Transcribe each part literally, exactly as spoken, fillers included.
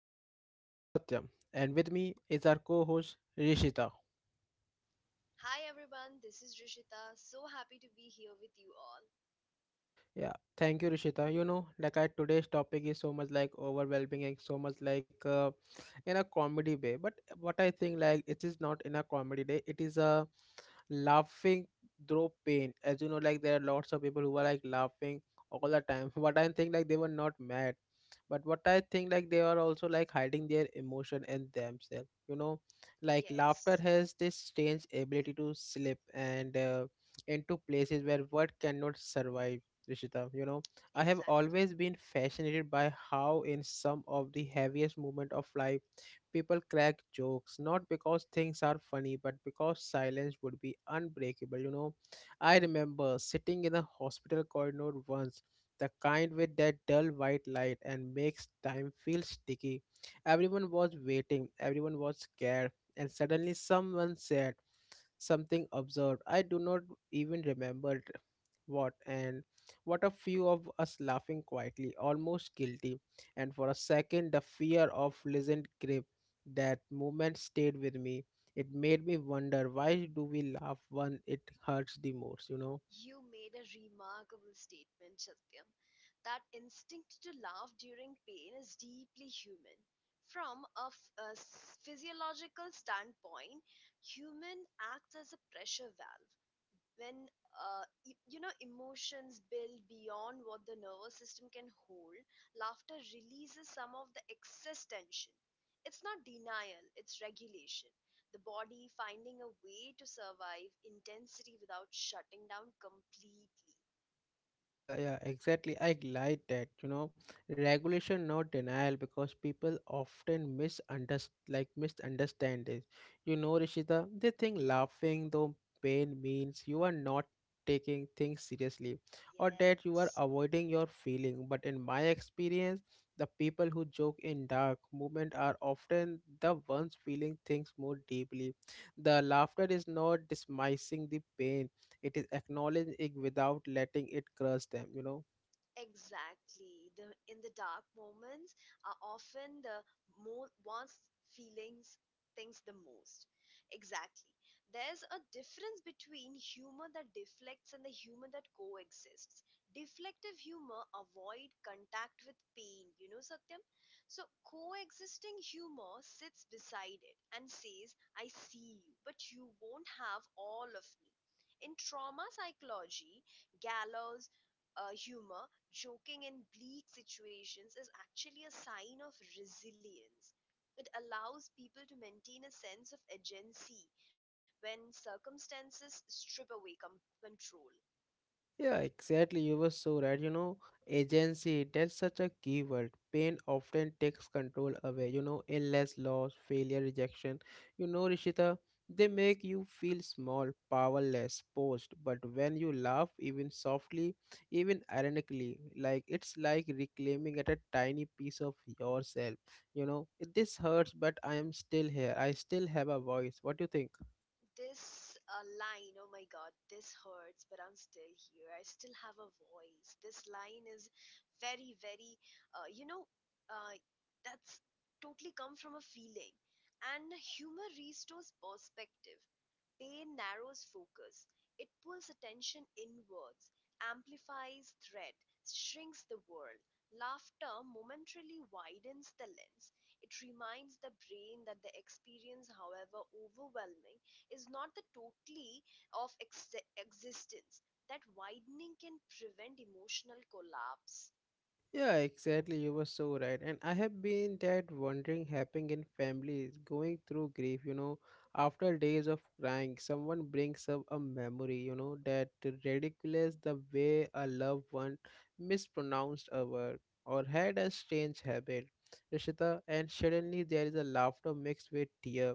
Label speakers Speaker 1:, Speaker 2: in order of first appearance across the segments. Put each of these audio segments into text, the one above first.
Speaker 1: this is your host Satyam, and with me is our co host Rishita.
Speaker 2: Hi everyone, this is Rishita. So happy to be here with you all.
Speaker 1: Yeah, thank you, Rishita. You know, like I, today's topic is so much like overwhelming and so much like uh, in a comedy way. But what I think like it is not in a comedy day. It is a laughing through pain. As you know, like there are lots of people who are like laughing all the time. What I think like they were not mad, but what I think like they are also like hiding their emotion and themselves. You know, like laughter
Speaker 2: Yes,
Speaker 1: has this strange ability to slip and uh, into places where word cannot survive, Rishita. You know, I have
Speaker 2: exactly.
Speaker 1: always been fascinated by how, in some of the heaviest moments of life, people crack jokes not because things are funny, but because silence would be unbreakable. You know, I remember sitting in a hospital corridor once. The kind with that dull white light and makes time feel sticky. Everyone was waiting, everyone was scared, and suddenly someone said something absurd. I do not even remember what, and what a few of us laughing quietly, almost guilty, and for a second the fear of listened grip. That moment stayed with me. It made me wonder, why do we laugh when it hurts the most, you know?
Speaker 2: You made a remarkable statement, Satyam. That instinct to laugh during pain is deeply human. From a, f- a s- physiological standpoint, human acts as a pressure valve. When uh, e- you know emotions build beyond what the nervous system can hold, laughter releases some of the excess tension. It's not denial, it's regulation, the body finding a way to survive intensity without shutting down completely.
Speaker 1: Yeah, yeah, exactly. I like that, you know, regulation, not denial, because people often misunderstand, like misunderstand this. You know, Rishita, they think laughing though pain means you are not taking things seriously or that you are
Speaker 2: Yes.
Speaker 1: avoiding your feeling. But in my experience, the people who joke in dark moment are often the ones feeling things more deeply. The laughter is not dismissing the pain, it is acknowledging without letting it crush them, you know.
Speaker 2: Exactly. The in the dark moments are often the mo one's feelings things the most. Exactly. There's a difference between humor that deflects and the humor that coexists. Deflective humor avoid contact with pain, you know, Satyam? So coexisting humor sits beside it and says, "I see you, but you won't have all of me." In trauma psychology, gallows uh, humor, joking in bleak situations, is actually a sign of resilience. It allows people to maintain a sense of agency when circumstances strip away com- control.
Speaker 1: Yeah, exactly, you were so right, you know. Agency, that's such a key word. Pain often takes control away, you know, illness, loss, failure, rejection. You know, Rishita, they make you feel small, powerless, posed. But when you laugh, even softly, even ironically, like it's like reclaiming at a tiny piece of yourself, you know. This hurts, but I am still here, I still have a voice. What do you think?
Speaker 2: This uh, line, "Oh my god, this hurts, but I'm still here. I still have a voice," this line is very, very, uh, you know, uh, that's totally come from a feeling. And humor restores perspective. Pain narrows focus, it pulls attention inwards, amplifies threat, shrinks the world. Laughter momentarily widens the lens. It reminds the brain that the experience, however overwhelming, is not the totality of ex- existence. That widening can prevent emotional collapse.
Speaker 1: Yeah, exactly. You were so right. And I have been that wondering happening in families going through grief, you know, after days of crying, someone brings up a memory, you know, that ridiculous the way a loved one mispronounced a word or had a strange habit. Rishita, and suddenly there is a laughter mixed with tear.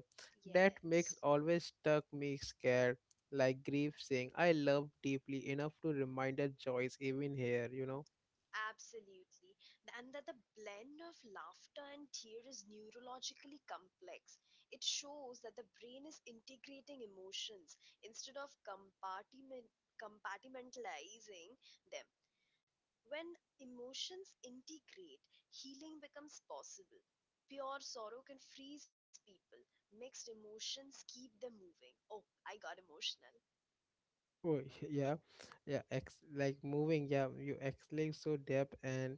Speaker 1: That makes
Speaker 2: Yes.
Speaker 1: always stuck me scared, like grief saying, I love deeply enough to remind a Joyce even here, you know.
Speaker 2: Absolutely. And that the blend of laughter and tear is neurologically complex. It shows that the brain is integrating emotions instead of compartiment, compartmentalizing them. When emotions integrate, healing becomes possible. Pure sorrow can freeze people, mixed emotions keep them moving. Oh, I got emotional.
Speaker 1: Oh, yeah, yeah. Ex like moving. Yeah, you exhale so deep and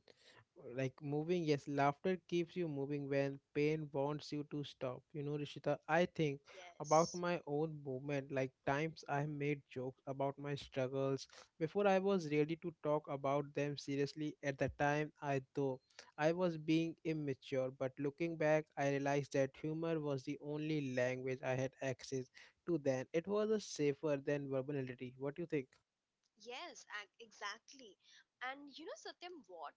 Speaker 1: like moving. Yes, laughter keeps you moving when pain wants you to stop. You know, Rishita, I think about
Speaker 2: Yes.
Speaker 1: my own movement. Like times I made jokes about my struggles before I was ready to talk about them seriously. At the time, I though I was being immature. But looking back, I realized that humor was the only language I had access to then. It was a safer than verbality. What do you think?
Speaker 2: Yes, ac- exactly. And you know, Satyam, what?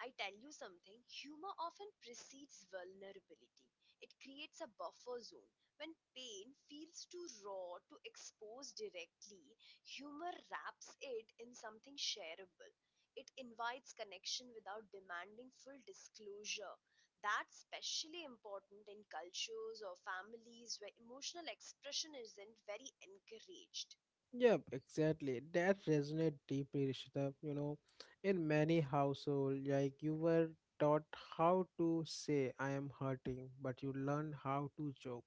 Speaker 2: I tell you something, humor often precedes vulnerability. It creates a buffer zone. When pain feels too raw to expose directly, humor wraps it in something shareable. It invites connection without demanding full disclosure. That's especially important in cultures or families where emotional expression isn't very encouraged.
Speaker 1: Yep, exactly. That resonates deeply, Rishita. You know, in many households, like you were taught how to say I am hurting, but you learn how to joke,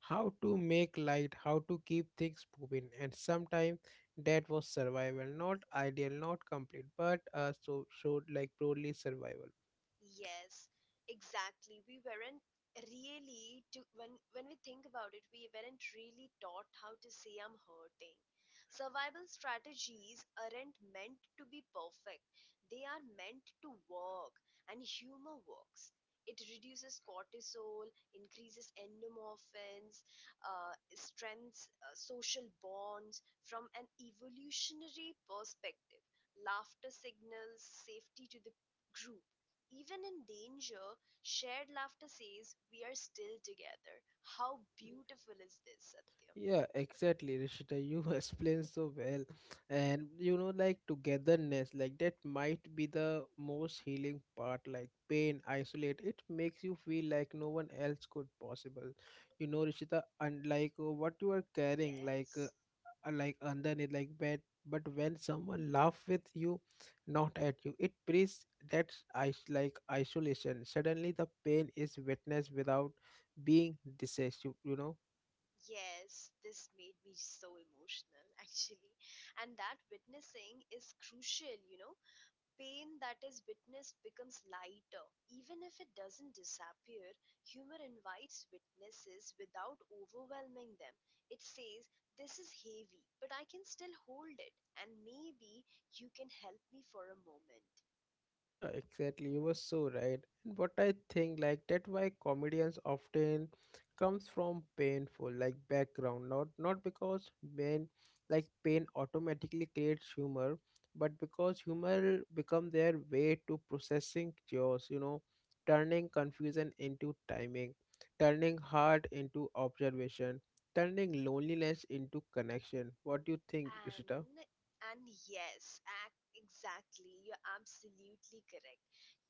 Speaker 1: how to make light, how to keep things moving. And sometimes that was survival, not ideal, not complete, but uh, so showed like broadly survival.
Speaker 2: Yes, exactly. We weren't really to when when we think about it, we weren't really taught how to say "I'm hurting." Survival strategies aren't meant to be perfect. They are meant to work, and humor works. It reduces cortisol, increases endorphins, uh, strengthens uh, social bonds. From an evolutionary perspective, laughter signals safety to the group. Even in danger, shared laughter says, "We are still together." How beautiful is this, Satyam?
Speaker 1: Yeah, exactly, Rishita. You explained so well. And you know, like togetherness, like that might be the most healing part, like pain, isolate. It makes you feel like no one else could possible. You know, Rishita, unlike uh, what you are carrying, like uh,
Speaker 2: Yes,
Speaker 1: uh, like underneath, like bad. But when someone laugh with you, not at you, it brings that is like isolation. Suddenly, the pain is witnessed without being decisive. You know.
Speaker 2: yes, this made me so emotional actually. And that witnessing is crucial. You know, pain that is witnessed becomes lighter. Even if it doesn't disappear, humor invites witnesses without overwhelming them. It says, "This is heavy, but I can still hold it, and maybe you can help me for a moment."
Speaker 1: Yeah, exactly. You were so right. And what I think, like that, why comedians often comes from painful like background, not not because men like pain automatically creates humor, but because humor become their way to processing chaos. You know, turning confusion into timing, turning heart into observation, turning loneliness into connection. What do you think, Rishita?
Speaker 2: And and yes, ac- exactly, you're absolutely correct.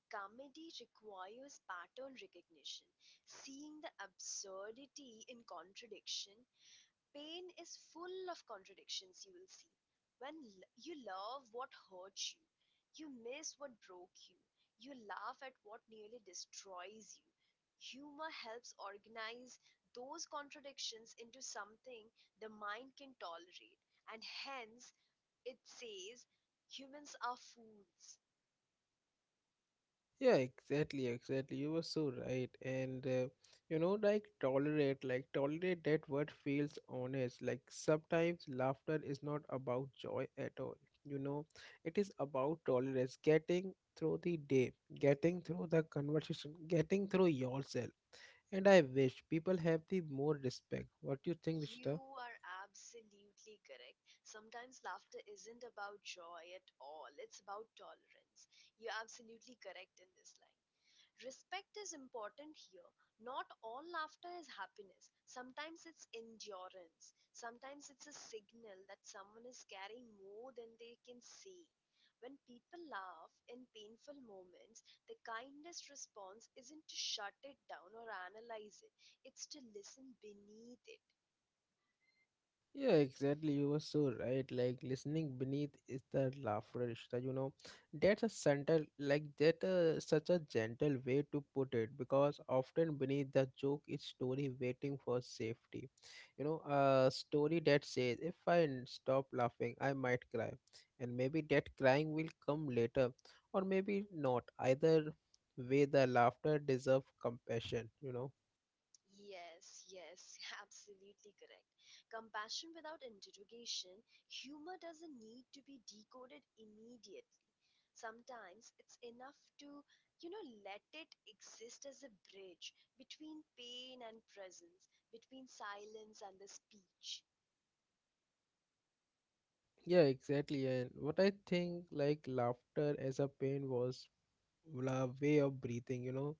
Speaker 2: Comedy requires pattern recognition, seeing the absurdity in contradiction. Pain is full of contradictions, you will see. When l- you love what hurts you, you miss what broke you, you laugh at what nearly destroys you. Humor helps organize those contradictions into something the mind can tolerate, and hence it says humans are fools.
Speaker 1: Yeah, exactly, exactly. You were so right. And uh, you know, like tolerate, like tolerate that word feels honest. Like sometimes laughter is not about joy at all. You know, it is about tolerance, getting through the day, getting through the conversation, getting through yourself. And I wish people have the more respect. What do you think, Rishita?
Speaker 2: You are absolutely correct. Sometimes laughter isn't about joy at all, it's about tolerance. You're absolutely correct in this line. Respect is important here. Not all laughter is happiness. Sometimes it's endurance. Sometimes it's a signal that someone is carrying more than they can say. When people laugh in painful moments, the kindest response isn't to shut it down or analyze it, it's to listen beneath it.
Speaker 1: Yeah, exactly. You were so right. Like listening beneath is the laughter, Rishta, you know. That's a central, like that, uh, such a gentle way to put it, because often beneath the joke is story waiting for safety. You know, a story that says, "If I n- stop laughing, I might cry," and maybe that crying will come later, or maybe not. Either way, the laughter deserves compassion. You know.
Speaker 2: Yes, yes, absolutely correct. Compassion without interrogation. Humor doesn't need to be decoded immediately. Sometimes it's enough to, you know, let it exist as a bridge between pain and presence, between silence and the speech.
Speaker 1: Yeah, exactly. And what I think, like laughter as a pain was la way of breathing, you know,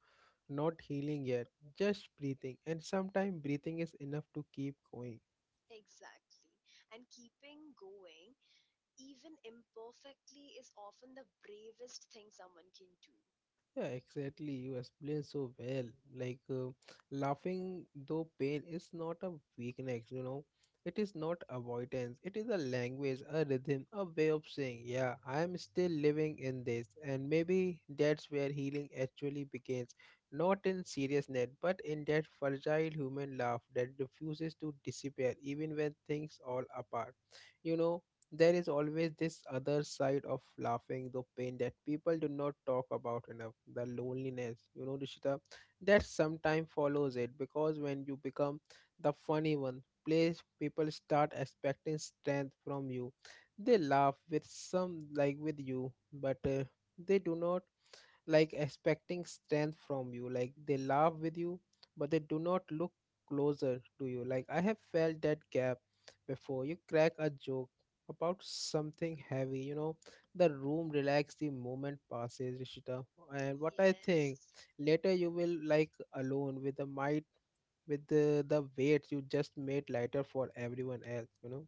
Speaker 1: not healing yet, just breathing. And sometimes breathing is enough to keep going.
Speaker 2: Exactly. And keeping going, even imperfectly, is often the bravest thing someone can do.
Speaker 1: Yeah, exactly. You explained so well. Like, uh, laughing though pain is not a weakness, you know. It is not avoidance. It is a language, a rhythm, a way of saying, yeah, I am still living in this. And maybe that's where healing actually begins. Not in seriousness, but in that fragile human laugh that refuses to disappear even when things all apart. You know, there is always this other side of laughing, the pain that people do not talk about enough, the loneliness. You know, Rishita, that sometimes follows it, because when you become the funny one, place people start expecting strength from you. They laugh with some like with you, but uh, they do not like expecting strength from you, like they laugh with you but they do not look closer to you. Like I have felt that gap before. You crack a joke about something heavy, you know, the room relax, the moment passes, Rishita. And what I think,
Speaker 2: Yes.
Speaker 1: later you will like alone with the might with the, the weight you just made lighter for everyone else, you know.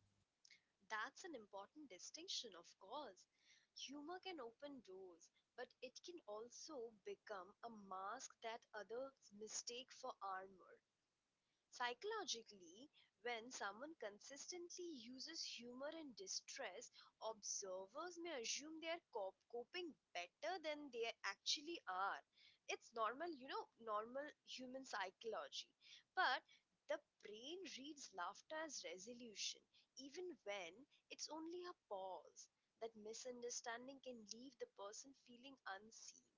Speaker 2: That's an important distinction, of course. Humor can open doors, but it can also become a mask that others mistake for armor. Psychologically, when someone consistently uses humor in distress, observers may assume they are cop- coping better than they actually are. It's normal, you know, normal human psychology. But the brain reads laughter as resolution, even when it's only a pause. That misunderstanding can leave the person feeling unseen.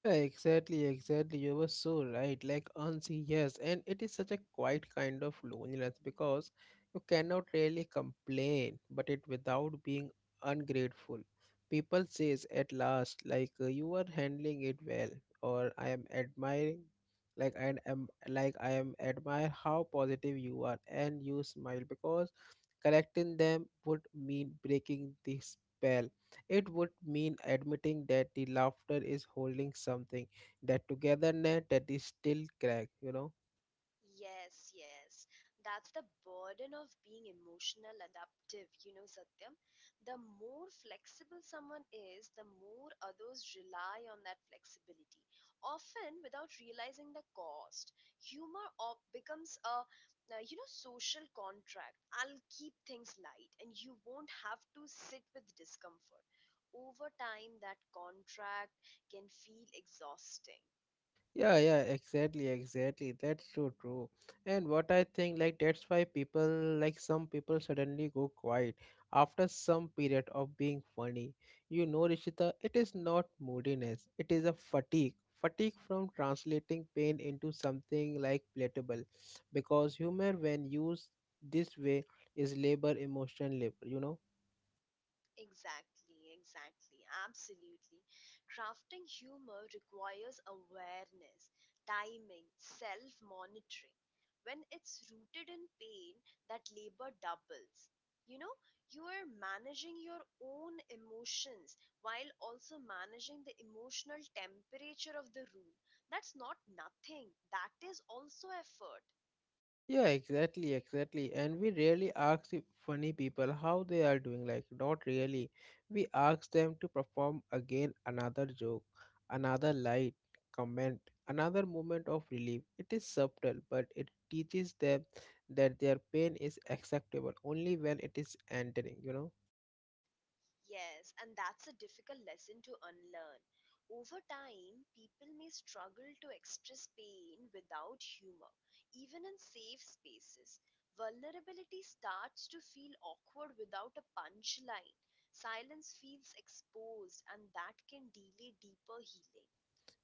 Speaker 1: Yeah, exactly, exactly. You were so right. Like unseen, yes, and it is such a quiet kind of loneliness, because you cannot really complain, but it without being ungrateful. People says at last, like uh, you are handling it well, or I am admiring, like I am, like I am admire how positive you are, and you smile because correcting them would mean breaking the spell. It would mean admitting that the laughter is holding something, that togetherness that is still cracked, you know.
Speaker 2: Yes, yes. That's the burden of being emotional adaptive, you know, Satyam. The more flexible someone is, the more others rely on that flexibility, often without realizing the cost. Humor op- becomes a, uh, you know, social contract. I'll keep things light and you won't have to sit with discomfort. Over time, that contract can feel exhausting.
Speaker 1: Yeah, yeah, exactly, exactly. That's so true. And what I think, like, that's why people, like, some people suddenly go quiet after some period of being funny. You know, Rishita, it is not moodiness, it is a fatigue. Fatigue from translating pain into something like palatable. Because humor, when used this way, is labor, emotion, labor, you know?
Speaker 2: Exactly, exactly, absolutely. Crafting humor requires awareness, timing, self monitoring. When it's rooted in pain, that labor doubles. You know, you are managing your own emotions while also managing the emotional temperature of the room. That's not nothing, that is also effort.
Speaker 1: Yeah, exactly, exactly. And we really ask the funny people how they are doing, like, not really. We ask them to perform again another joke, another light comment, another moment of relief. It is subtle, but it teaches them that their pain is acceptable only when it is entering, you know.
Speaker 2: Yes, and that's a difficult lesson to unlearn. Over time, people may struggle to express pain without humor, even in safe spaces. Vulnerability starts to feel awkward without a punchline. Silence feels exposed, and that can delay deeper healing.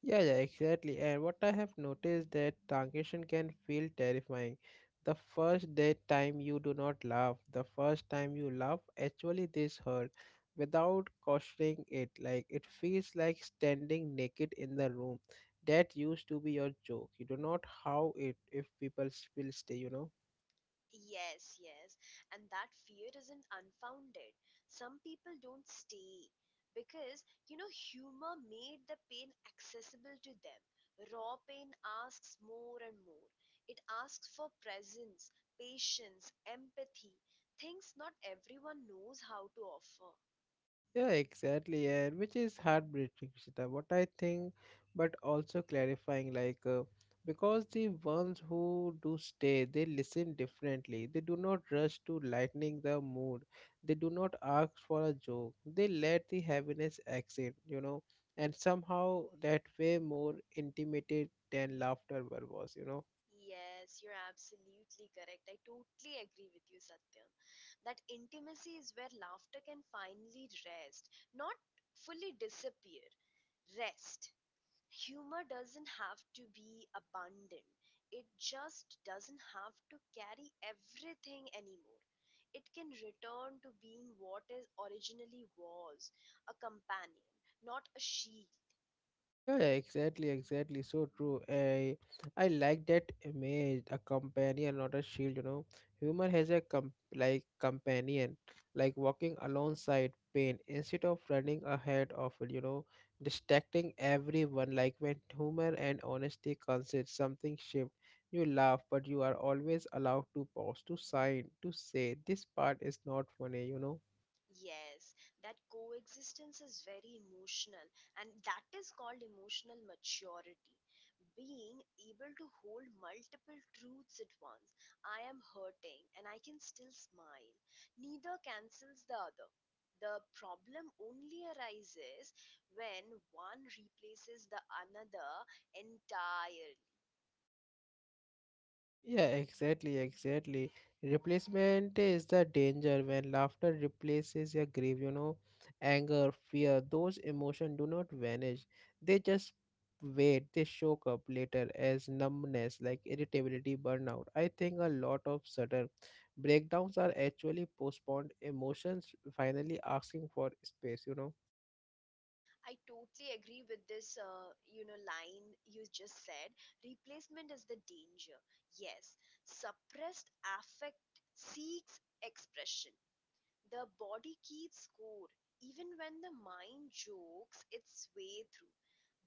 Speaker 1: Yeah, yeah, exactly. And what I have noticed that transition can feel terrifying. The first day time you do not laugh, the first time you laugh, actually this hurt without cautioning it. Like it feels like standing naked in the room. That used to be your joke. You do not how it if people s- will stay, you know.
Speaker 2: Yes, yes. And that fear isn't unfounded. Some people don't stay because, you know, humor made the pain accessible to them. Raw pain asks more and more. It asks for presence, patience, empathy, things not everyone knows how to offer.
Speaker 1: Yeah, exactly, and which is heartbreaking, Shita. What I think, but also clarifying, like, uh, because the ones who do stay, they listen differently. They do not rush to lightening the mood. They do not ask for a joke. They let the heaviness exit, you know, and somehow that way more intimated than laughter ever was, you know.
Speaker 2: Yes, you're absolutely correct. I totally agree with you, Satyam. That intimacy is where laughter can finally rest, not fully disappear. Rest. Humor doesn't have to be abundant, it just doesn't have to carry everything anymore. It can return to being what it originally was: a companion, not a shield.
Speaker 1: Yeah, exactly, exactly. So true. I I like that image, a companion, not a shield, you know. Humor has a com like companion, like walking alongside pain instead of running ahead of it, you know, distracting everyone. Like when humor and honesty consist, something shift. You laugh, but you are always allowed to pause, to sign, to say this part is not funny, you know.
Speaker 2: Yes, that coexistence is very emotional, and that is called emotional maturity. Being able to hold multiple truths at once. I am hurting and I can still smile. Neither cancels the other. The problem only arises when one replaces the another entirely.
Speaker 1: Yeah, exactly, exactly. Replacement is the danger when laughter replaces your grief, you know, anger, fear, those emotions do not vanish. They just wait, they show up later as numbness, like irritability, burnout. I think a lot of sudden breakdowns are actually postponed emotions finally asking for space, you know.
Speaker 2: I totally agree with this, uh, you know, line you just said. Replacement is the danger. Yes, suppressed affect seeks expression. The body keeps score, even when the mind jokes its way through.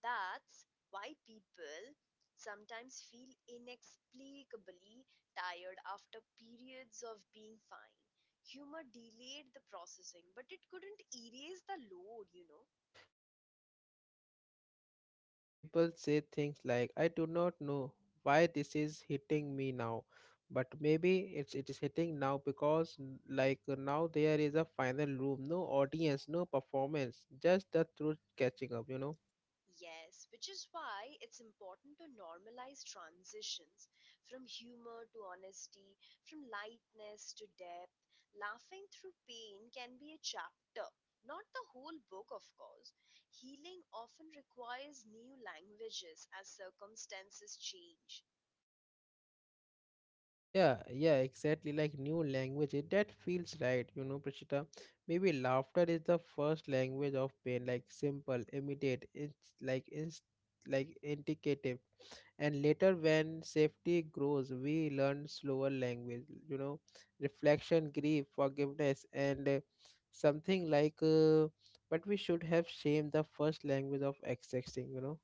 Speaker 2: That's why people sometimes feel inexplicably tired after periods of being fine. Humor delayed the processing, but it couldn't erase the load, you know.
Speaker 1: Yeah, yeah, exactly. And that's when people say things like, "I do not know why this is hitting me now, but maybe it's it is hitting now because n- like uh, now there is a final room, no audience, no performance, just the truth catching up, you know."
Speaker 2: Yes, which is why it's important to normalize transitions from humor to honesty, from lightness to depth. Laughing through pain can be a chapter, not the whole book, of course. Healing often requires new languages as circumstances change.
Speaker 1: Yeah, yeah, exactly. Like new language, eh, that feels right, you know, Prashita. Maybe laughter is the first language of pain, like simple, immediate, it's like it's like indicative, and later when safety grows we learn slower language, you know, reflection, grief, forgiveness and uh, something like uh, but we should have shamed the first language of accessing, you know.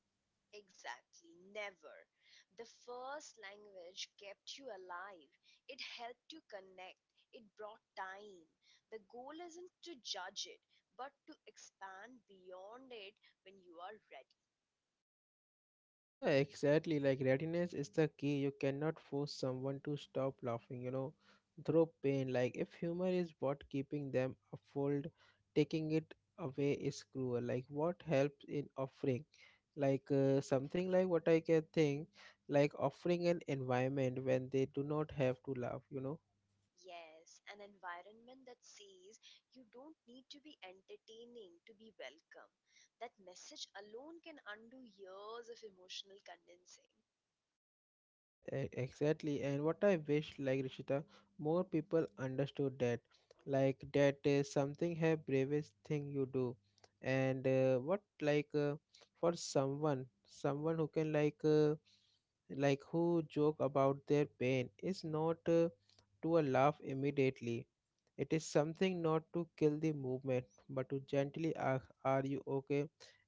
Speaker 2: Exactly, never. The first language kept you alive. It helped you connect. It brought time. The goal isn't to judge it, but to expand beyond it when you are ready.
Speaker 1: Yeah, exactly. Like readiness is the key. You cannot force someone to stop laughing, you know, through pain. Like if humor is what keeping them afloat, taking it away is cruel. Like what helps in offering, like uh, something like what I can think, like offering an environment when they do not have to laugh, you know.
Speaker 2: Yes, an environment that says you don't need to be entertaining to be welcome. That message alone can undo years of emotional condensing.
Speaker 1: Yeah, e- exactly. And what I wish, like Rishita, more people understood that, like that is something a bravest thing you do, and uh, what like uh, for someone, someone who can like uh, like who joke about their pain is not uh, to a laugh immediately. It is something not to kill the movement, but to gently ask, "Are you okay?"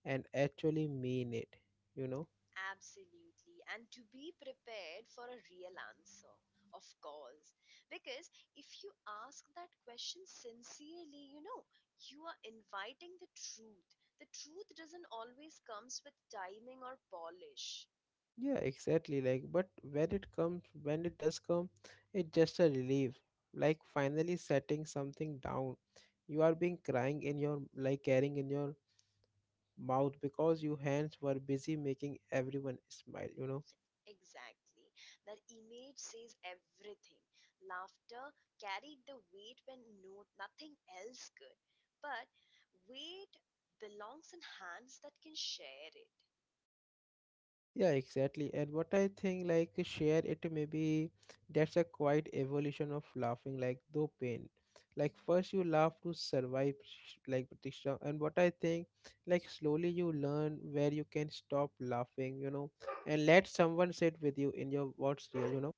Speaker 1: and actually mean it. You know.
Speaker 2: Absolutely. And to be prepared for a real answer, of course. Because if you ask that question sincerely, you know, you are inviting the truth. The truth doesn't always comes with timing or polish.
Speaker 1: Yeah, exactly. Like, but when it comes, when it does come, it's just a relief. Like finally setting something down. You are being crying in your like carrying in your mouth because your hands were busy making everyone smile. You know.
Speaker 2: Exactly. That image says everything. Laughter carried the weight when no nothing else could. But weight belongs in hands that can share it.
Speaker 1: Yeah, exactly. And what I think, like, share it, maybe that's a quite evolution of laughing, like, though pain. Like, first you laugh to survive, sh- like, Batista. And what I think, like, slowly you learn where you can stop laughing, you know, and let someone sit with you in your what's real, you know.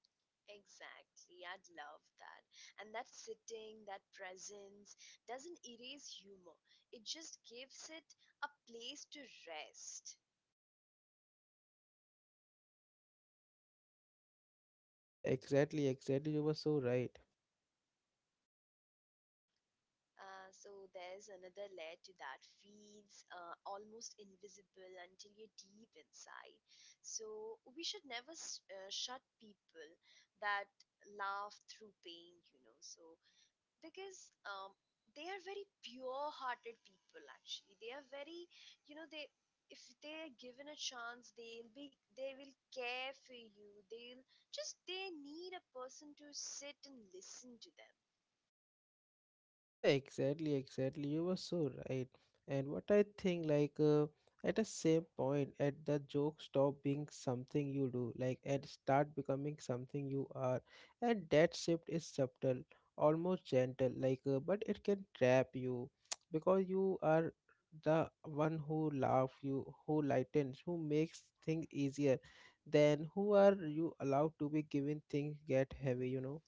Speaker 2: Exactly. I'd love that. And that sitting, that presence doesn't erase humor. It just gives it a place to rest.
Speaker 1: Yeah, exactly, exactly. You were so right.
Speaker 2: Uh, so there's another layer to that feels uh, almost invisible until you're deep inside. So we should never s- uh, shut people that laugh through pain, you know. So because um, they are very pure hearted people. Actually, they are very, you know they, if they are given a chance, they'll be they will care for you. They'll just they need a person to sit and listen to them.
Speaker 1: Yeah, exactly, exactly. You were so right. And what I think, like, uh, at a same point, at the joke stop being something you do, like, and start becoming something you are. And that shift is subtle, almost gentle, like, uh, but it can trap you because you are the one who laugh, you who lightens, who makes things easier. Then who are you allowed to be given things get heavy, you know?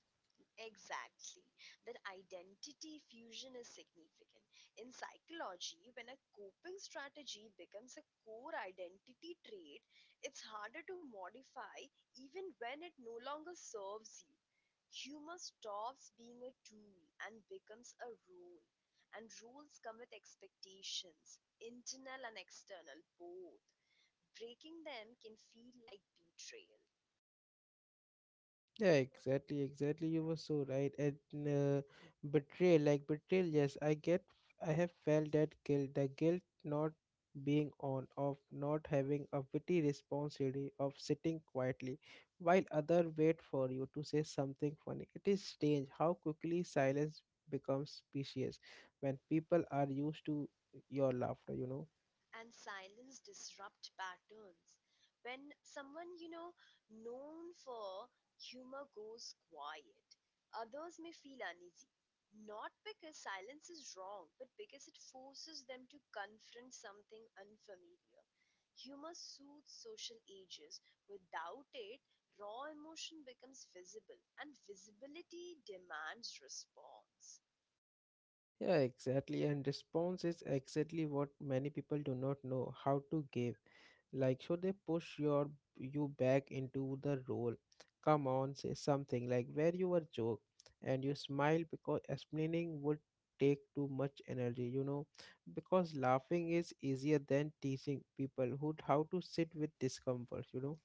Speaker 2: Exactly. That identity fusion is significant. In psychology, when a coping strategy becomes a core identity trait, it's harder to modify even when it no longer serves you. Humor stops being a tool and becomes a role. And roles come with expectations, internal and external, both. Breaking them can feel like betrayal.
Speaker 1: Yeah, exactly, exactly. You were so right. And uh, betrayal, like betrayal, yes, I get, I have felt that guilt, the guilt not being on, of not having a witty responsibility, of sitting quietly while other wait for you to say something funny. It is strange how quickly silence becomes specious when people are used to your laughter, you know.
Speaker 2: And silence disrupt patterns. When someone, you know, known for humor goes quiet, others may feel uneasy. Not because silence is wrong, but because it forces them to confront something unfamiliar. Humor soothes social ages. Without it, raw emotion becomes visible, and visibility demands response.
Speaker 1: Yeah, exactly. And response is exactly what many people do not know how to give. Like, so they push your you back into the role? Come on, say something like where you were joke, and you smile because explaining would take too much energy. You know, because laughing is easier than teaching people who how to sit with discomfort. You know.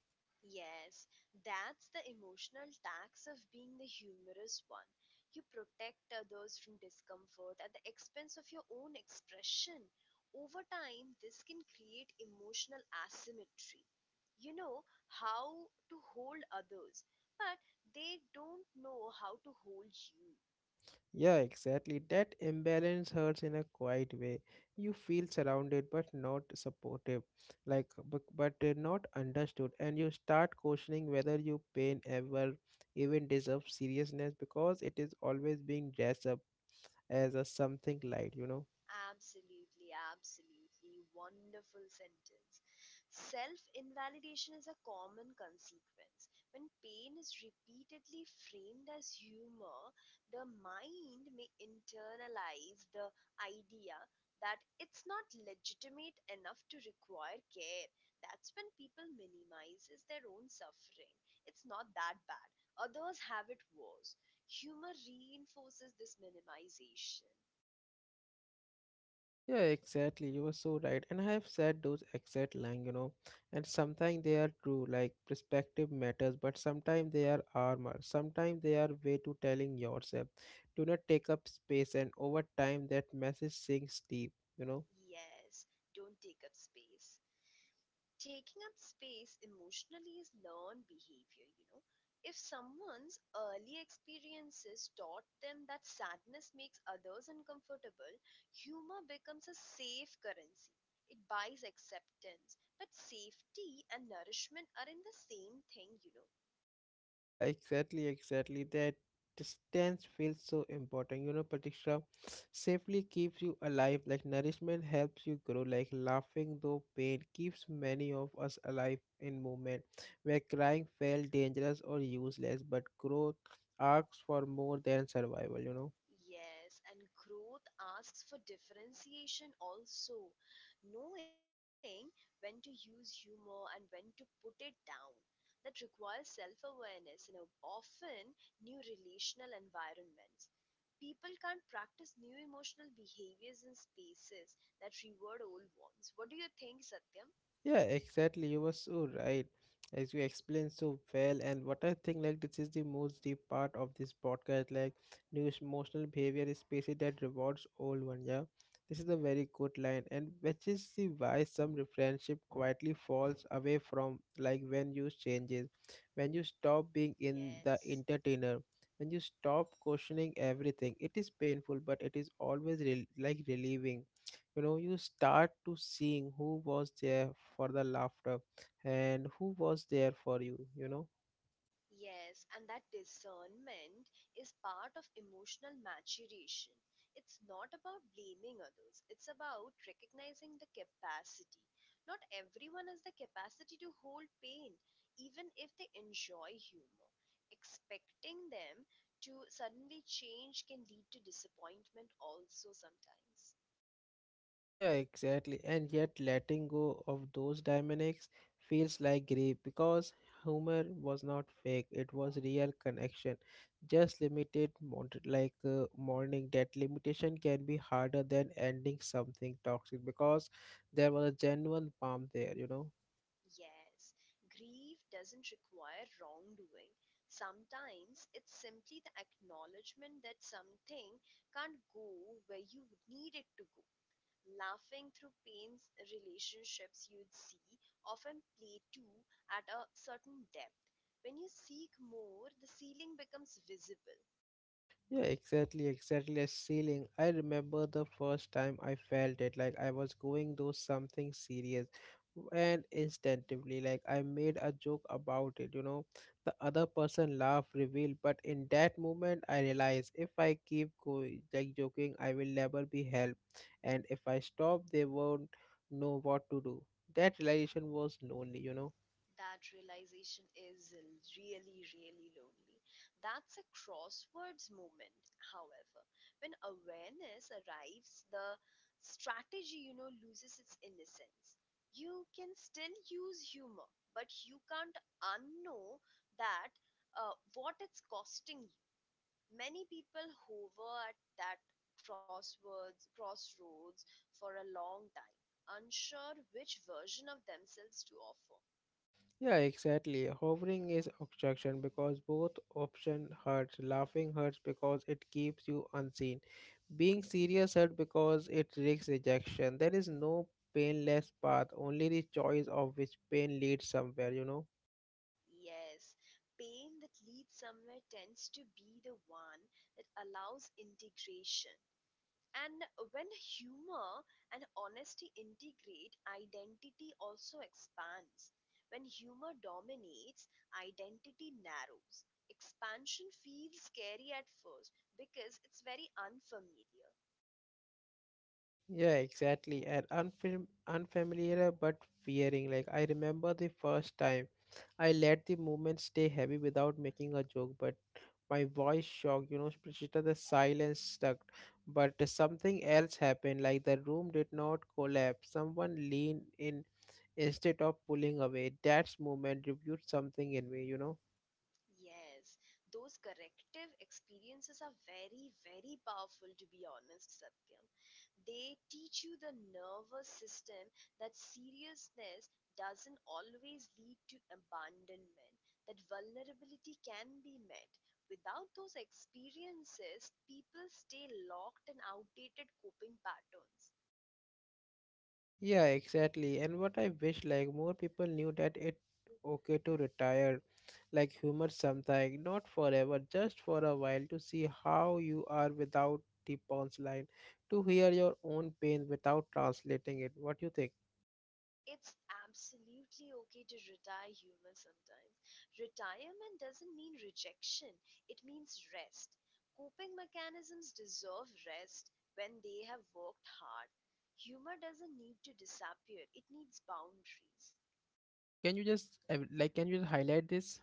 Speaker 2: Yes, that's the emotional tax of being the humorous one. You protect others from discomfort at the expense of your own expression. Over time, this can create emotional asymmetry. You know how to hold others, but they don't know how to hold you.
Speaker 1: Yeah, exactly. That imbalance hurts in a quiet way. You feel surrounded but not supportive, like but, but uh, not understood, and you start questioning whether your pain ever even deserves seriousness because it is always being dressed up as a something light, you know.
Speaker 2: Absolutely, absolutely. Wonderful sentence. Self invalidation is a common consequence. When pain is repeatedly framed as humor, the mind may internalize the idea that it's not legitimate enough to require care. That's when people minimizes their own suffering. It's not that bad. Others have it worse. Humor reinforces this minimization.
Speaker 1: Yeah, exactly. You were so right. And I have said those exact line, you know, and sometimes they are true, like perspective matters, but sometimes they are armor. Sometimes they are way to telling yourself, do not take up space, and over time that message sinks deep, you know.
Speaker 2: Yes, don't take up space. Taking up space emotionally is learned behavior, you know. If someone's early experiences taught them that sadness makes others uncomfortable, humor becomes a safe currency. It buys acceptance. But safety and nourishment are in the same thing, you know.
Speaker 1: Yeah, exactly, exactly. That distance feels so important. You know, Pratiksha, safely keeps you alive, like nourishment helps you grow, like laughing though pain keeps many of us alive in movement, where crying felt dangerous or useless, but growth asks for more than survival, you know.
Speaker 2: Yes, and growth asks for differentiation also, knowing when to use humor and when to put it down. That requires self awareness in a often new relational environments. People can't practice new emotional behaviors in spaces that reward old ones. What do you think, Satyam?
Speaker 1: Yeah, exactly. You were so right. As you explained so well, and what I think, like, this is the most deep part of this podcast. Like, new emotional behavior is species that rewards old one. Yeah, this is a very good line, and which is the why some re- friendship quietly falls away from like when you changes, when you stop being in the
Speaker 2: Yes.
Speaker 1: entertainer, when you stop questioning everything. It is painful, but it is always rel like relieving, you know, you start to seeing who was there for the laughter and who was there for you, you know.
Speaker 2: Yes, and that discernment is part of emotional maturation. It's not about blaming others, it's about recognizing the capacity. Not everyone has the capacity to hold pain, even if they enjoy humor. Expecting them to suddenly change can lead to disappointment, also, sometimes.
Speaker 1: Yeah, exactly. And yet letting go of those dynamics feels like grief because humor was not fake, it was real connection, just limited mont- like uh, Mourning that limitation can be harder than ending something toxic because there was a genuine palm there, you know.
Speaker 2: Yes, grief doesn't require wrongdoing. Sometimes it's simply the acknowledgement that something can't go where you need it to go. Laughing through pains, relationships you'd see often play too at a certain depth. When you seek more, the ceiling becomes visible.
Speaker 1: Yeah, exactly, exactly. A ceiling. I remember the first time I felt it, like I was going through something serious, and instinctively, like I made a joke about it. You know, the other person laughed, revealed, but in that moment, I realized if I keep going, like joking, I will never be helped, and if I stop, they won't know what to do. That realization was lonely, you know.
Speaker 2: That realization is really, really lonely. That's a crosswords moment, however. When awareness arrives, the strategy, you know, loses its innocence. You can still use humor, but you can't unknow that uh, what it's costing you. Many people hover at that crosswords, crossroads for a long time, unsure which version of themselves to offer.
Speaker 1: Yeah, exactly. Hovering is obstruction because both option hurts. Laughing hurts because it keeps you unseen. Being serious hurt because it risks rejection. There is no painless path, only the choice of which pain leads somewhere, you know.
Speaker 2: Yes, pain that leads somewhere tends to be the one that allows integration. And when humor and honesty integrate, identity also expands. When humor dominates, identity narrows. Expansion feels scary at first because it's very unfamiliar.
Speaker 1: Yeah, exactly. And unfam unfamiliar but fearing. Like I remember the first time I let the movement stay heavy without making a joke, but my voice shocked, you know, Prachita, the silence stuck. But something else happened, like the room did not collapse. Someone leaned in instead of pulling away. That moment revealed something in me, you know.
Speaker 2: Yes, those corrective experiences are very, very powerful, to be honest, Satyam. They teach you the nervous system that seriousness doesn't always lead to abandonment, that vulnerability can be met. Without those experiences, people stay locked in outdated coping patterns.
Speaker 1: Yeah, exactly. And what I wish like more people knew that it okay to retire like humor sometime, not forever, just for a while to see how you are without the punchline, to hear your own pain without translating it. What do you think?
Speaker 2: It's absolutely okay to retire humor sometimes. Retirement doesn't mean rejection, it means rest. Coping mechanisms deserve rest when they have worked hard. Humor doesn't need to disappear, it needs boundaries.
Speaker 1: Uh, can you just uh, like can you just highlight this?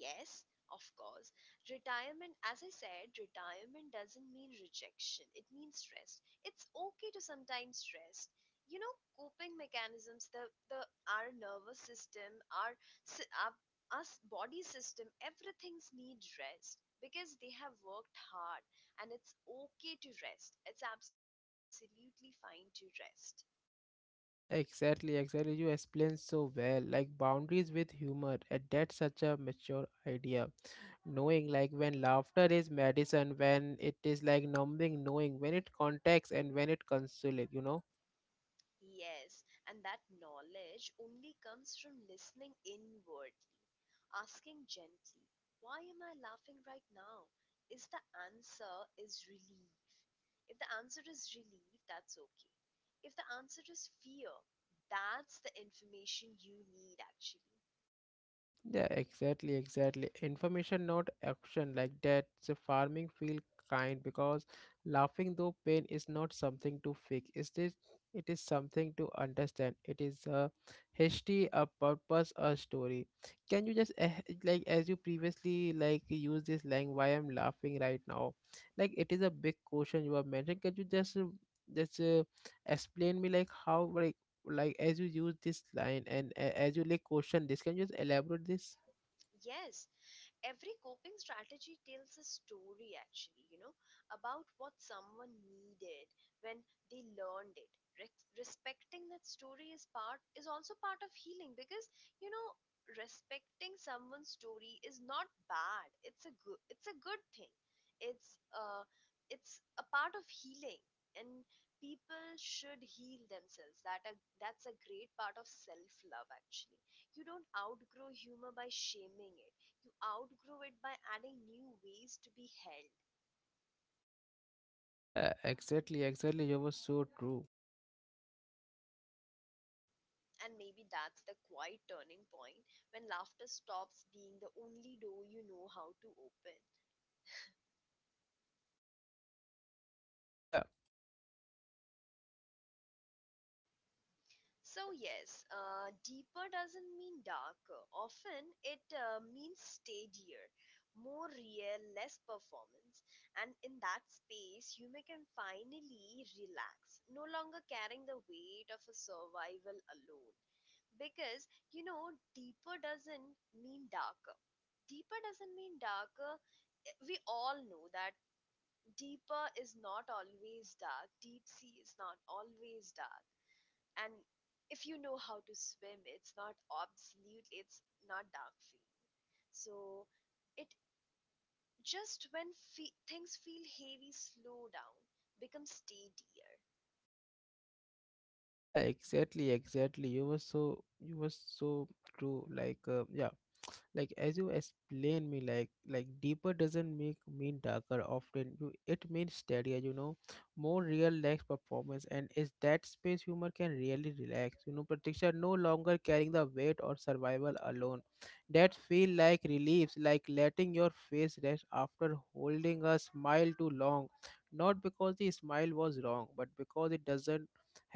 Speaker 2: Yes, of course. Retirement, as I said, retirement doesn't mean rejection. It means rest. It's okay to sometimes rest. You know, coping mechanisms, the, the our nervous system, our, sy- our us body system, everything's need rest because they have worked hard and it's okay to rest. It's absolutely fine to rest.
Speaker 1: Yeah, exactly, exactly. You explained so well, like boundaries with humor, and that's such a mature idea, knowing like when laughter is medicine, when it is like numbing, knowing when it contacts and when it consolates, you know.
Speaker 2: Yes, and that knowledge only comes from listening inward. Asking gently, why am I laughing right now? Is the answer is relief. If the answer is relief, that's okay. If the answer is fear, that's the information you need actually.
Speaker 1: Yeah, exactly, exactly. Information, not action. Like that, the farming feel kind because laughing though pain is not something to fix. Is this? It is something to understand. It is a history, a purpose, a story. Can you just eh, like as you previously like use this line? Why I'm laughing right now? Like it is a big question you have mentioned. Can you just uh, just uh, explain me like how? like, like as you use this line and a- as you like question this, can you just elaborate this?
Speaker 2: Yes, every coping strategy tells a story actually, you know, about what someone needed when they learned it. Rex Respecting that story is part is also part of healing because, you know, respecting someone's story is not bad, it's a good it's a good thing. It's uh it's a part of healing, and people should heal themselves that a, that's a great part of self love actually. You don't outgrow humor by shaming it, you outgrow it by adding new ways to be held.
Speaker 1: Yeah exactly exactly you were so true.
Speaker 2: And maybe that's the quiet turning point when laughter stops being the only door you know how to open.
Speaker 1: Yeah.
Speaker 2: So, yes, uh, deeper doesn't mean darker. Often it uh, means steadier, more real, less performance. And in that space, you may can finally relax, no longer carrying the weight of a survival alone. Because you know deeper doesn't mean darker, deeper doesn't mean darker, we all know that. Deeper is not always dark, deep sea is not always dark, and if you know how to swim it's not, absolutely, it's not dark for you. So it just when fe- things feel heavy, slow down, become steadier.
Speaker 1: yeah exactly exactly you were so, you were so true, like uh, yeah, like as you explain me like like deeper doesn't make mean darker, often you it means steadier, you know, more real, relaxed performance, and is that space humor can really relax, you know, Pratiksha, no longer carrying the weight or survival alone, that feel like reliefs, like letting your face rest after holding a smile too long, not because the smile was wrong but because it doesn't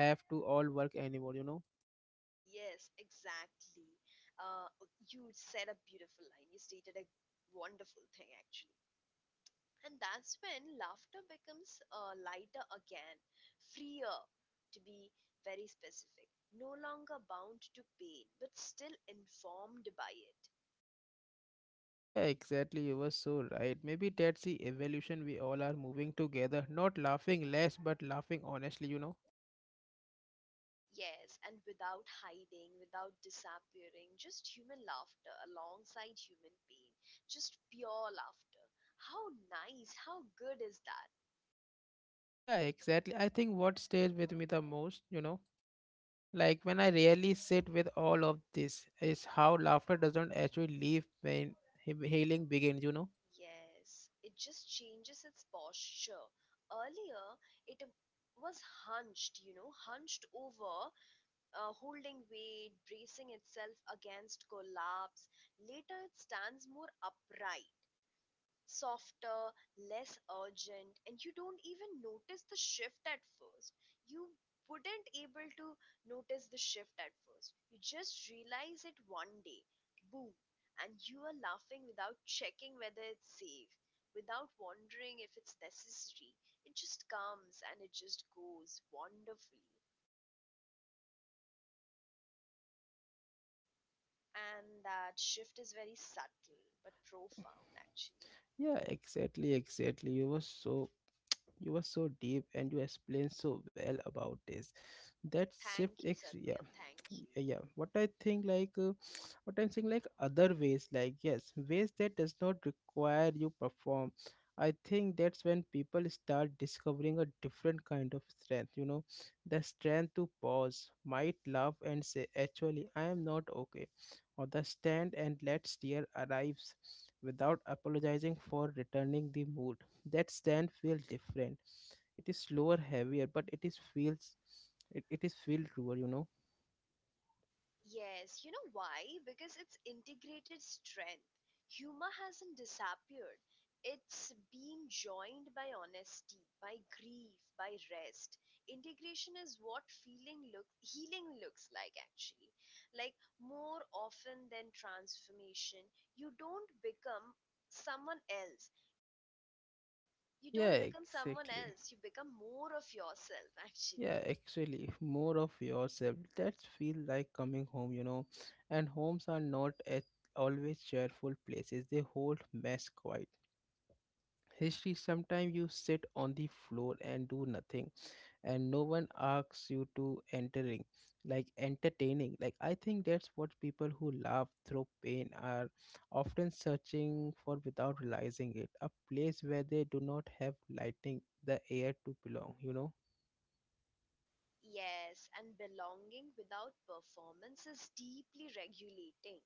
Speaker 1: have to all work anymore, you know.
Speaker 2: Yes, exactly. Uh, you said a beautiful line. You stated a wonderful thing, actually. And that's when laughter becomes uh, lighter again, freer, to be very specific. No longer bound to pain, but still informed by it.
Speaker 1: Yeah, exactly. You were so right. Maybe that's the evolution we all are moving together. Not laughing less, but laughing honestly, you know?
Speaker 2: Yes, and without hiding, without disappearing, just human laughter alongside human pain, just pure laughter. How nice, how good is that?
Speaker 1: Yeah, exactly. I think what stays with me the most, you know, like when I really sit with all of this, is how laughter doesn't actually leave when he- healing begins, you know?
Speaker 2: Yes, it just changes its posture. Earlier, it was hunched, you know, hunched over, uh, holding weight, bracing itself against collapse. Later, it stands more upright, softer, less urgent, and you don't even notice the shift at first. You wouldn't able to notice the shift at first. You just realize it one day, boom, and you are laughing without checking whether it's safe, without wondering if it's necessary. It just comes and it just goes wonderfully. And that shift is very subtle but profound actually.
Speaker 1: Yeah, exactly, exactly. You were so, you were so deep and you explained so well about this. That shift
Speaker 2: Thank
Speaker 1: is,
Speaker 2: you,
Speaker 1: yeah.
Speaker 2: Satyam. Thank you.
Speaker 1: Y- yeah what I think like uh, what I'm saying like other ways, like yes ways that does not require you perform, I think that's when people start discovering a different kind of strength, you know, the strength to pause might laugh and say actually I am not okay, or the stand and let steer arrives without apologizing for returning the mood. That stand feels different. It is slower, heavier, but it is feels, it, it is feel truer, you know.
Speaker 2: Yes, you know why? Because it's integrated strength. Humor hasn't disappeared. It's been joined by honesty, by grief, by rest. Integration is what feeling look healing looks like actually. Like more often than transformation, you don't become someone else. You
Speaker 1: Yeah,
Speaker 2: don't become someone
Speaker 1: exactly.
Speaker 2: else. You become more of yourself
Speaker 1: Yeah,
Speaker 2: actually.
Speaker 1: actually, more of yourself. That feel like coming home, you know. And homes are not at always cheerful places. They hold mess, quiet. History. Sometimes you sit on the floor and do nothing, and no one asks you to entering, like entertaining. Like I think that's what people who laugh through pain are often searching for without realizing it, a place where they do not have lighting the air to belong, you know.
Speaker 2: Yes, and belonging without performance is deeply regulating.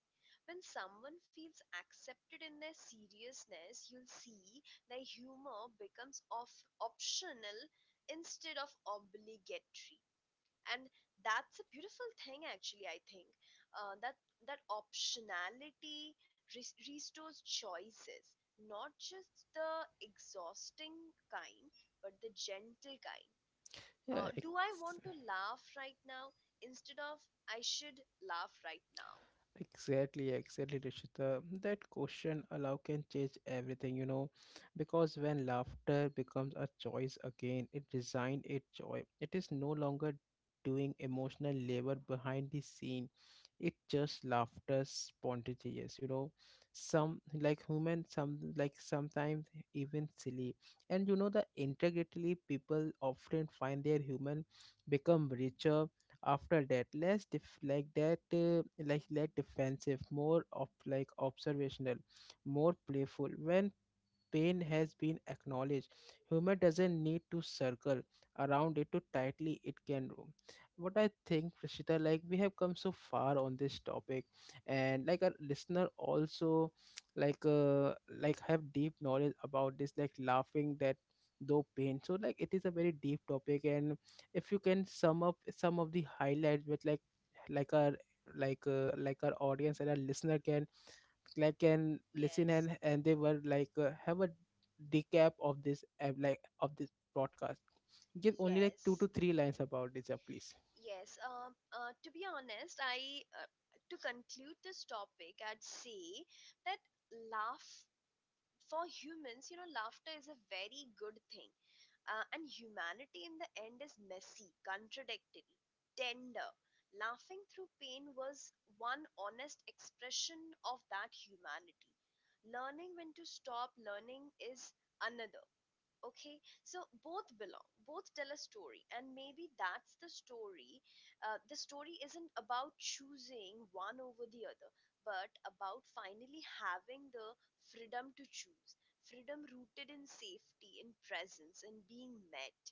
Speaker 2: When someone feels accepted in their seriousness, you'll see their humor becomes of optional instead of obligatory. And that's a beautiful thing actually, I think. Uh, that that optionality res- restores choices, not just the exhausting kind, but the gentle kind.
Speaker 1: yeah
Speaker 2: Uh, do I
Speaker 1: ex-
Speaker 2: want to laugh right now instead of I should laugh right now?
Speaker 1: Exactly, exactly, Rishita. That question allow can change everything, you know, because when laughter becomes a choice again, it design a joy. It is no longer doing emotional labor behind the scene. It just laughter spontaneous, you know. Some like human, some like sometimes even silly. And you know the integrity people often find their human become richer after that, less def- like that uh, like less defensive, more of like observational, more playful when pain has been acknowledged. Humor doesn't need to circle around it too tightly, it can roam. What I think, Prashita, like we have come so far on this topic, and like our listener also like uh like have deep knowledge about this, like laughing that though pain. So like it is a very deep topic, and if you can sum up some of the highlights with like like our like uh, like our audience and our listener can like and listen,
Speaker 2: Yes,
Speaker 1: and and they were like uh, have a decap of this uh, like of this podcast. Give only like two to
Speaker 2: yes,
Speaker 1: three lines about this, uh, please.
Speaker 2: yes. Uh, uh, to be honest, I uh, to conclude this topic, I'd say that laugh for humans, you know, laughter is a very good thing. Uh, and humanity in the end is messy, contradictory, tender. Laughing through pain was one honest expression of that humanity. Learning when to stop learning is another. Okay, so both belong, both tell a story and maybe that's the story. Uh, the story isn't about choosing one over the other but about finally having the freedom to choose, freedom rooted in safety, in presence, in being met.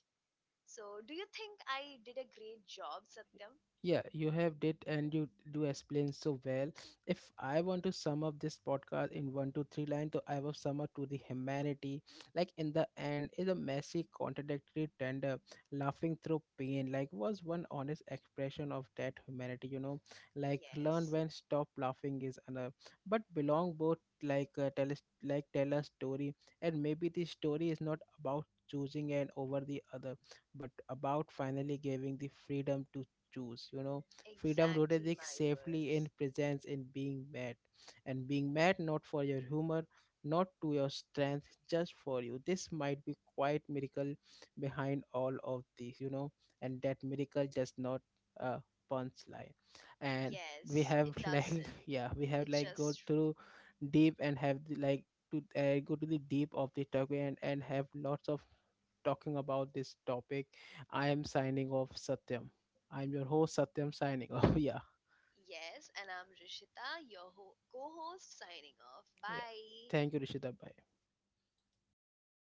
Speaker 2: So do you think I did a great job, Satyam?
Speaker 1: Yeah, you have did and you do explain so well. If I want to sum up this podcast in one to three lines, so I will sum up to the humanity. Like in the end, is a messy, contradictory, tender, laughing through pain. Like was one honest expression of that humanity. You know, like learn
Speaker 2: Yes,
Speaker 1: when stop laughing is another. But belong both like uh, tell us, like tell a story, and maybe the story is not about choosing and over the other but about finally giving the freedom to choose, you know. Freedom
Speaker 2: exactly
Speaker 1: rooted is
Speaker 2: my
Speaker 1: safely
Speaker 2: words.
Speaker 1: in presence in being met, and being met not for your humor, not to your strength, just for you, this might be quite miracle behind all of this, you know. And that miracle just not a punchline. And
Speaker 2: Yes,
Speaker 1: we
Speaker 2: it
Speaker 1: have like,
Speaker 2: doesn't,
Speaker 1: yeah we
Speaker 2: it
Speaker 1: have like
Speaker 2: just.
Speaker 1: go through deep and have the, like to uh, go to the deep of the topic, and, and have lots of talking about this topic. I am signing off, Satyam. I'm your host, Satyam, signing off. Yeah,
Speaker 2: Yes, and I'm Rishita, your ho- co host, signing off.
Speaker 1: yeah.
Speaker 2: Bye.
Speaker 1: Thank you, Rishita. Bye.
Speaker 2: Thank you.